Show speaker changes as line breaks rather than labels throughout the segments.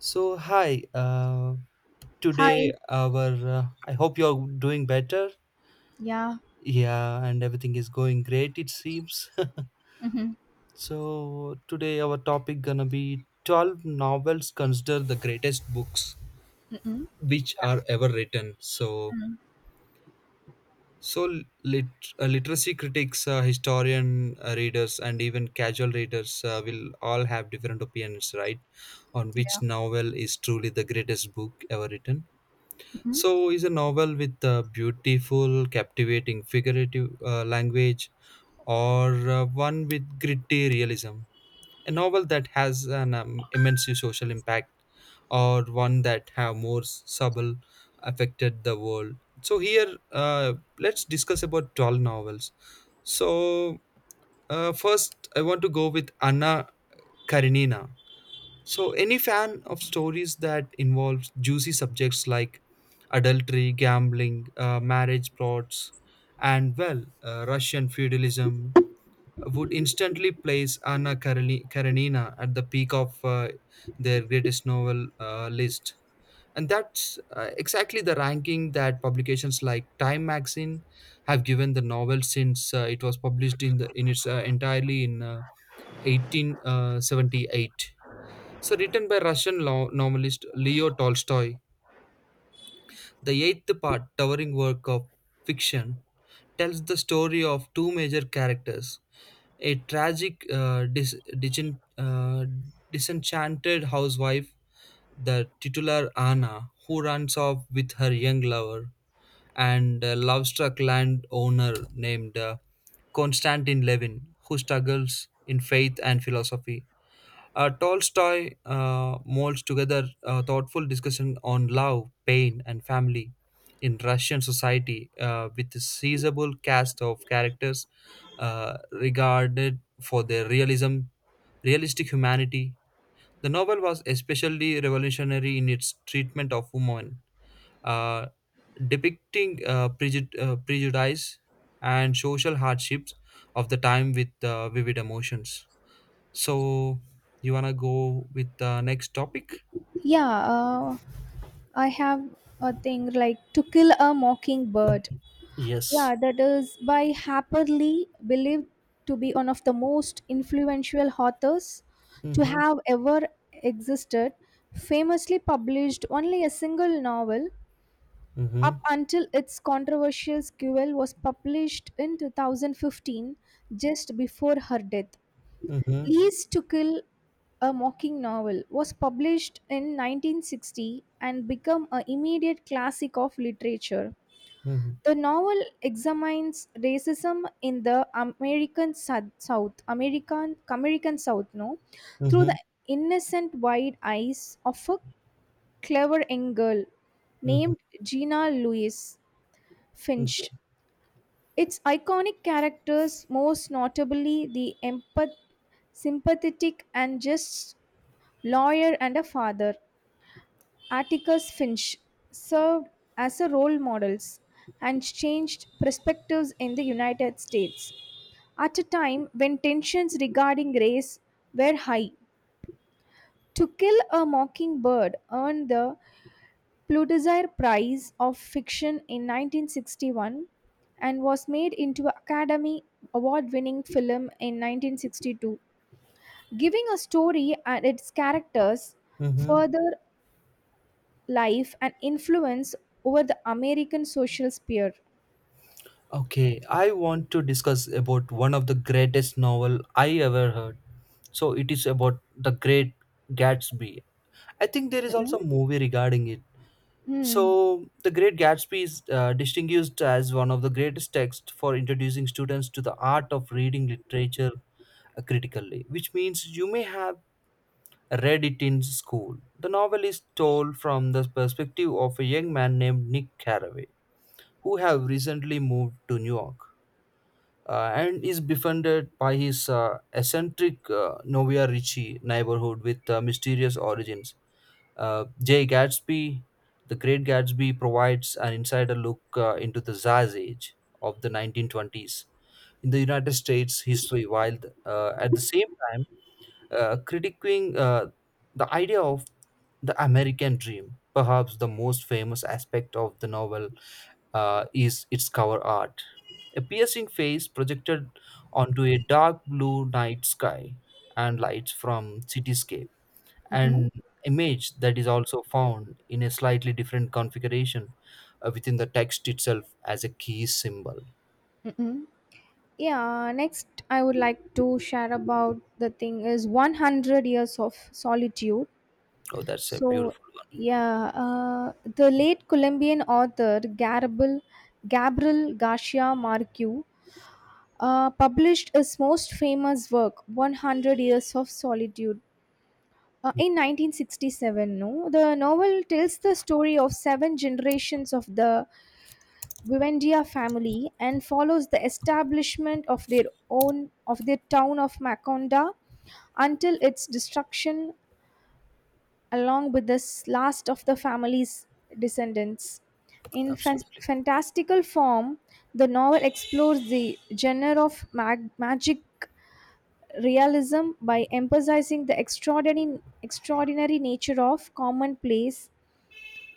So hi,
Hi.
today our I hope you're doing better.
Yeah.
Yeah, and everything is going great it seems.
Mhm.
So today our topic gonna be 12 novels considered the greatest books
Mm-mm.
which are ever written. So
Mm.
so lit- uh, literacy critics, historian readers, and even casual readers will all have different opinions, right, on
Yeah.
which novel is truly the greatest book ever written.
Mm-mm.
So, is a novel with a beautiful, captivating, figurative language, or one with gritty realism? A novel that has an immense social impact, or one that have more subtle affected the world. So here, let's discuss about 12 novels. So First, I want to go with Anna Karenina. So, any fan of stories that involves juicy subjects like adultery, gambling, marriage plots, and well, Russian feudalism would instantly place Karenina at the peak of their greatest novel list. And that's exactly the ranking that publications like Time magazine have given the novel since it was published in its entirely in 1878. So, written by novelist Leo Tolstoy, the eighth part, towering work of fiction, tells the story of two major characters, a tragic, uh, disenchanted housewife, the titular Anna, who runs off with her young lover, and a love struck landowner named Konstantin Levin, who struggles in faith and philosophy. Tolstoy molds together a thoughtful discussion on love, pain, and family in Russian society with a sizable cast of characters regarded for their realistic humanity. The novel was especially revolutionary in its treatment of women, uh, depicting prejudice and social hardships of the time with vivid emotions. So you wanna go with the next topic?
Yeah. I have a thing like to kill a mockingbird.
Yes.
Yeah, that is by Harper Lee, believed to be one of the most influential authors to
Mm-hmm.
have ever existed. Famously published only a single novel
Mm-hmm.
up until its controversial sequel was published in 2015, just before her death.
Mm-hmm.
Lease to Kill a Mocking Novel was published in 1960 and became an immediate classic of literature.
Mm-hmm.
The novel examines racism in the American Sou- South, American American South, no, through the
Mm-hmm.
innocent wide eyes of a clever young girl
Mm-hmm.
named Gina Louise
Okay.
Finch. Its iconic characters, most notably the empath, sympathetic and just lawyer and a father, Atticus Finch served as a role models and changed perspectives in the United States at a time when tensions regarding race were high. To Kill a Mockingbird earned the Pulitzer Prize of Fiction in 1961 and was made into an Academy Award winning film in 1962, giving a story and its characters
Mm-hmm.
further life and influence over the American social sphere.
Okay. I want to discuss about one of the greatest novel I ever heard. So it is about the Great Gatsby. I think there is also a movie regarding it.
Mm.
So the Great Gatsby is distinguished as one of the greatest texts for introducing students to the art of reading literature critically, which means you may have read it in school. The novel is told from the perspective of a young man named Nick Carraway, who have recently moved to New York and is befriended by his eccentric Novia Ricci neighborhood with mysterious origins. Jay Gatsby, The Great Gatsby, provides an insider look into the Zaz age of the 1920s in the United States history, while at the same time critiquing the idea of the American dream. Perhaps the most famous aspect of the novel is its cover art. A piercing face projected onto a dark blue night sky and lights from cityscape.
Mm-mm.
An image that is also found in a slightly different configuration within the text itself as a key symbol.
Mm-mm. Yeah, next I would like to share about the thing is 100 years of solitude.
Oh, that's a
So,
beautiful one.
yeah, the late Colombian author Gabriel Garcia Marquez published his most famous work, 100 Years of Solitude.
Yeah,
In 1967, no, the novel tells the story of seven generations of the Vivendia family and follows the establishment of their town of Makonda until its destruction along with the last of the family's descendants. In fan-
absolutely.
fantastical form, the novel explores the genre of magic realism by emphasizing the extraordinary nature of commonplace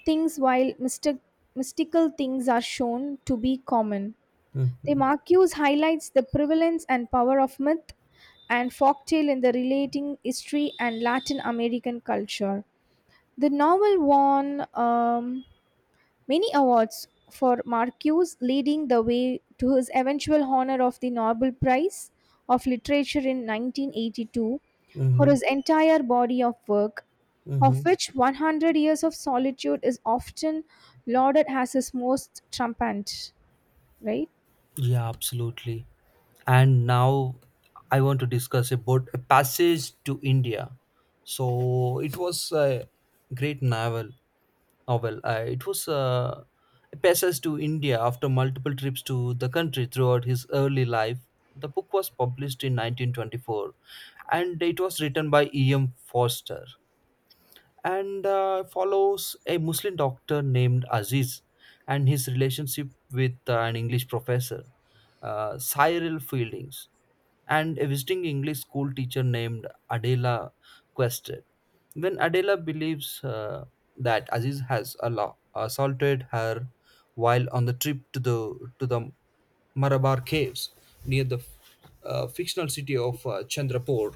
things while mystical things are shown to be common. The
Mm-hmm.
Marcuse highlights the prevalence and power of myth and folktale in the relating history and Latin American culture. The novel won many awards for Marcuse, leading the way to his eventual honor of the Nobel Prize of Literature in 1982 for
Mm-hmm.
his entire body of work, of which 100 Years of Solitude is often lauded as his most trumpet, right?
Yeah, absolutely. And now I want to discuss about a passage to India. So it was a great novel. Novel. It was A passage to India after multiple trips to the country throughout his early life. The book was published in 1924, and it was written by E. M. Foster and follows a Muslim doctor named Aziz and his relationship with an English professor, Cyril Fieldings, and a visiting English school teacher named Adela Quested. When Adela believes that Aziz has assaulted her while on the trip to the Marabar caves near the fictional city of Chandrapur,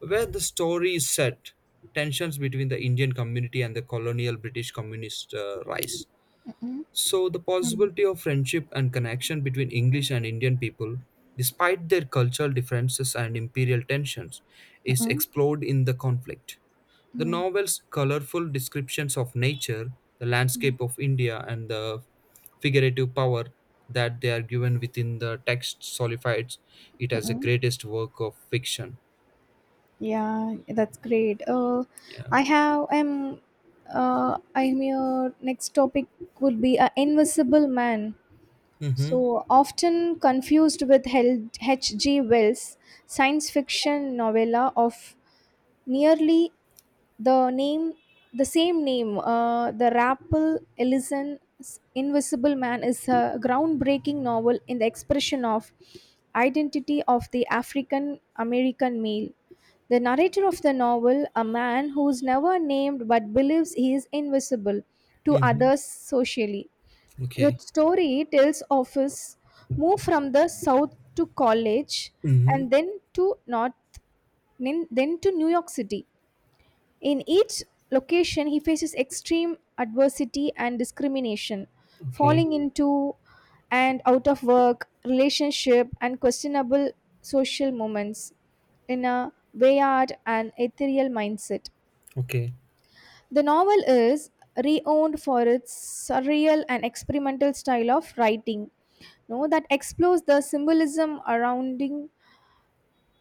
where the story is set, tensions between the Indian community and the colonial British communist rise. So, the possibility of friendship and connection between English and Indian people, despite their cultural differences and imperial tensions, is
Mm-mm.
explored in the conflict. The novel's colorful descriptions of nature, the landscape of India, and the figurative power that they are given within the text solidifies it as the greatest work of fiction.
Yeah, that's great.
Yeah.
I have am I'm your next topic would be a invisible man.
Mhm.
So often confused with H.G. Wells' science fiction novella of nearly the name, the same name, uh, the Rappel Ellison's Invisible Man is a groundbreaking novel in the expression of identity of the African American male. The narrator of the novel, a man who is never named but believes he is invisible to
Mhm.
others socially. The
Okay.
story tells of his move from the south to college and
Mhm.
then to north, then to New York City in each location, he faces extreme adversity and discrimination,
Okay.
falling into and out of work, relationship, and questionable social moments in a wayward and ethereal mindset.
Okay.
The novel is renowned for its surreal and experimental style of writing no, that explores the symbolism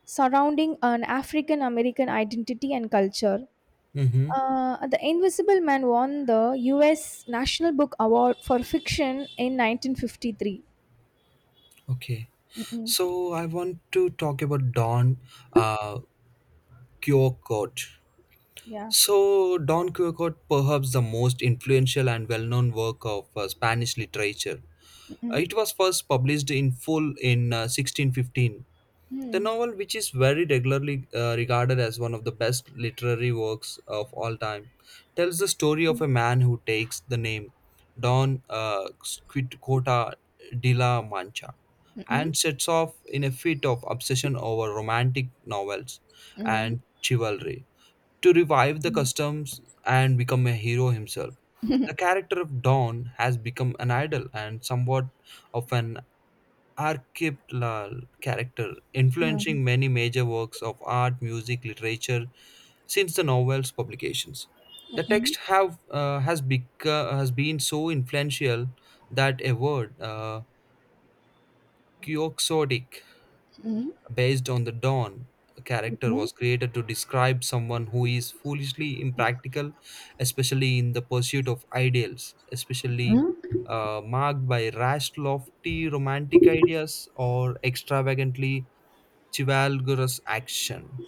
surrounding an African American identity and culture.
Mhm.
The Invisible Man won the U.S. National Book Award for Fiction in 1953.
Okay. So I want to talk about Don uh, Quixote.
Yeah.
So Don Quixote, perhaps the most influential and well-known work of Spanish literature. It was first published in full in 1615. The
Mm.
novel, which is very regularly regarded as one of the best literary works of all time, tells the story of a man who takes the name Don Quixote de la Mancha
Mm,
and sets off in a fit of obsession over romantic novels
mm,
and chivalry to revive the customs and become a hero himself. The character of Don has become an idol and somewhat of an archetypal character, influencing many major works of art, music, literature since the novel's publications. The text have has become has been so influential that a word, quixotic,
mm,
based on the Don character
mm,
was created to describe someone who is foolishly impractical, especially in the pursuit of ideals, especially
mm.
marked by rash, lofty romantic ideas or extravagantly chivalrous action.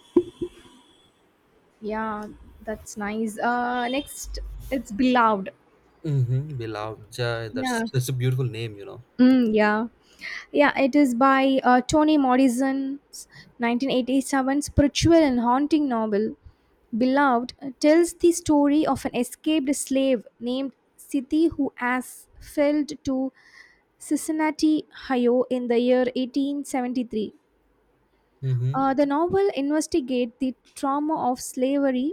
Yeah, that's nice. Next, it's Beloved.
Mm-hmm.
Yeah.
That's a beautiful name, you know.
Mm, yeah. Yeah, it is by Toni Morrison's 1987 spiritual and haunting novel. Beloved tells the story of an escaped slave named Siti who has failed to Cincinnati, Ohio, in the year 1873.
Mm-hmm.
The novel investigates the trauma of slavery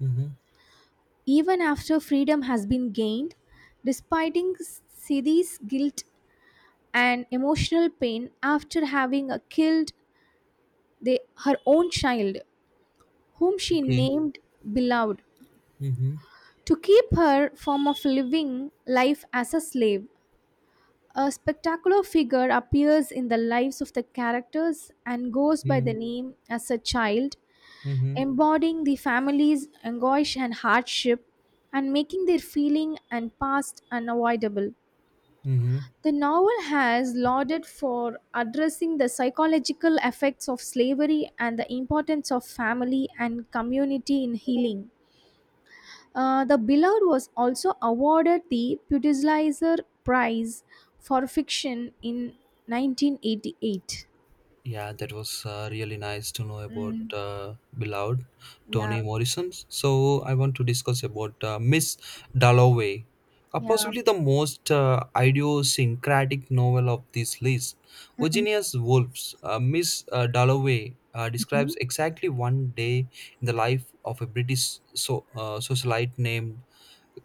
Mm-hmm.
even after freedom has been gained, despite Siddi's guilt and emotional pain after having killed her own child, whom she
Okay.
named Beloved,
Mm-hmm.
to keep her form of living life as a slave. A spectacular figure appears in the lives of the characters and goes by the name as a child
Mm-hmm.
embodying the family's anguish and hardship and making their feeling and past unavoidable.
Mm-hmm.
The novel has lauded for addressing the psychological effects of slavery and the importance of family and community in healing. The Beloved was also awarded the Pulitzer Prize for fiction in 1988.
Yeah, that was really nice to know about
Mm,
beloved
yeah,
Toni Morrison. So I want to discuss about Miss Dalloway,
yeah.
possibly the most idiosyncratic novel of this list. Virginia's Wolves. Miss Dalloway
Mhm.
describes exactly one day in the life of a British socialite named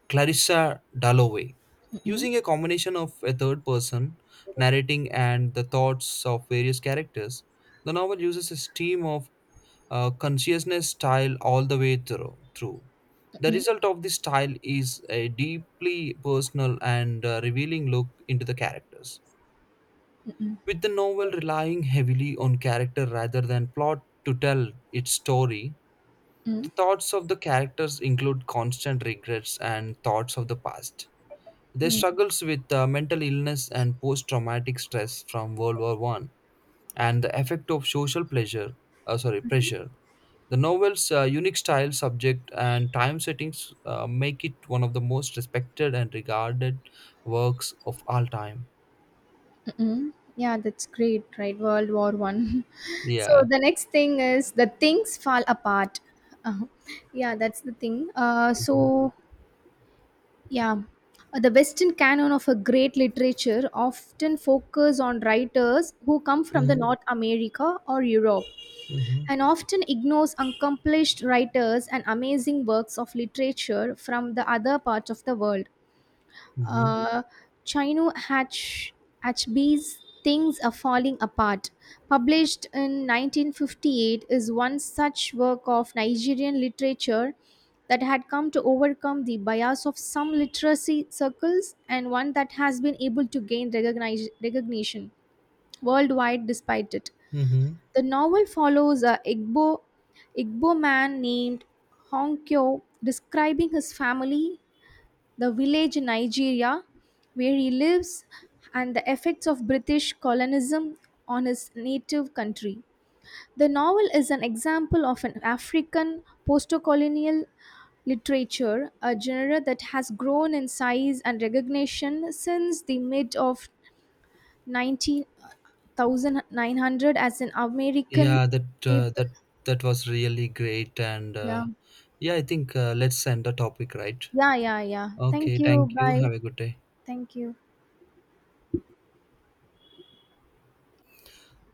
Clarissa Dalloway,
Mm-mm,
using a combination of a third person narrating and the thoughts of various characters. The novel uses a stream of consciousness style all the way through. The
mm
result of this style is a deeply personal and revealing look into the characters. With the novel relying heavily on character rather than plot to tell its story, the thoughts of the characters include constant regrets and thoughts of the past. They struggles with mental illness and post-traumatic stress from World War One and the effect of pressure. The novel's unique style, subject, and time settings make it one of the most respected and regarded works of all time.
Mm, yeah, that's great, right? World War I. So
Yeah.
the next thing is the things fall apart. Uh, yeah, that's the thing.
Mhm.
So yeah, the Western canon of a great literature often focus on writers who come from the
Mhm.
North America or Europe,
Mhm.
and often ignores accomplished writers and amazing works of literature from the other parts of the world
Mhm.
uh, Chino Hatch, Hatchbee's Things Are Falling Apart, published in 1958, is one such work of Nigerian literature that had come to overcome the bias of some literacy circles and one that has been able to gain recognition worldwide despite it.
Mhm.
The novel follows a Igbo man named Honkyo describing his family, the village in Nigeria where he lives, and the effects of British colonialism on his native country. The novel is an example of an African postcolonial literature, a genre that has grown in size and recognition since the mid of 1900 as an American
Yeah, that uh,
staple.
that that was really great, and
Yeah,
yeah, I think let's end the topic, right?
yeah, yeah, yeah.
Okay,
Thank you.
thank you.
Bye.
Have a good day.
Thank you.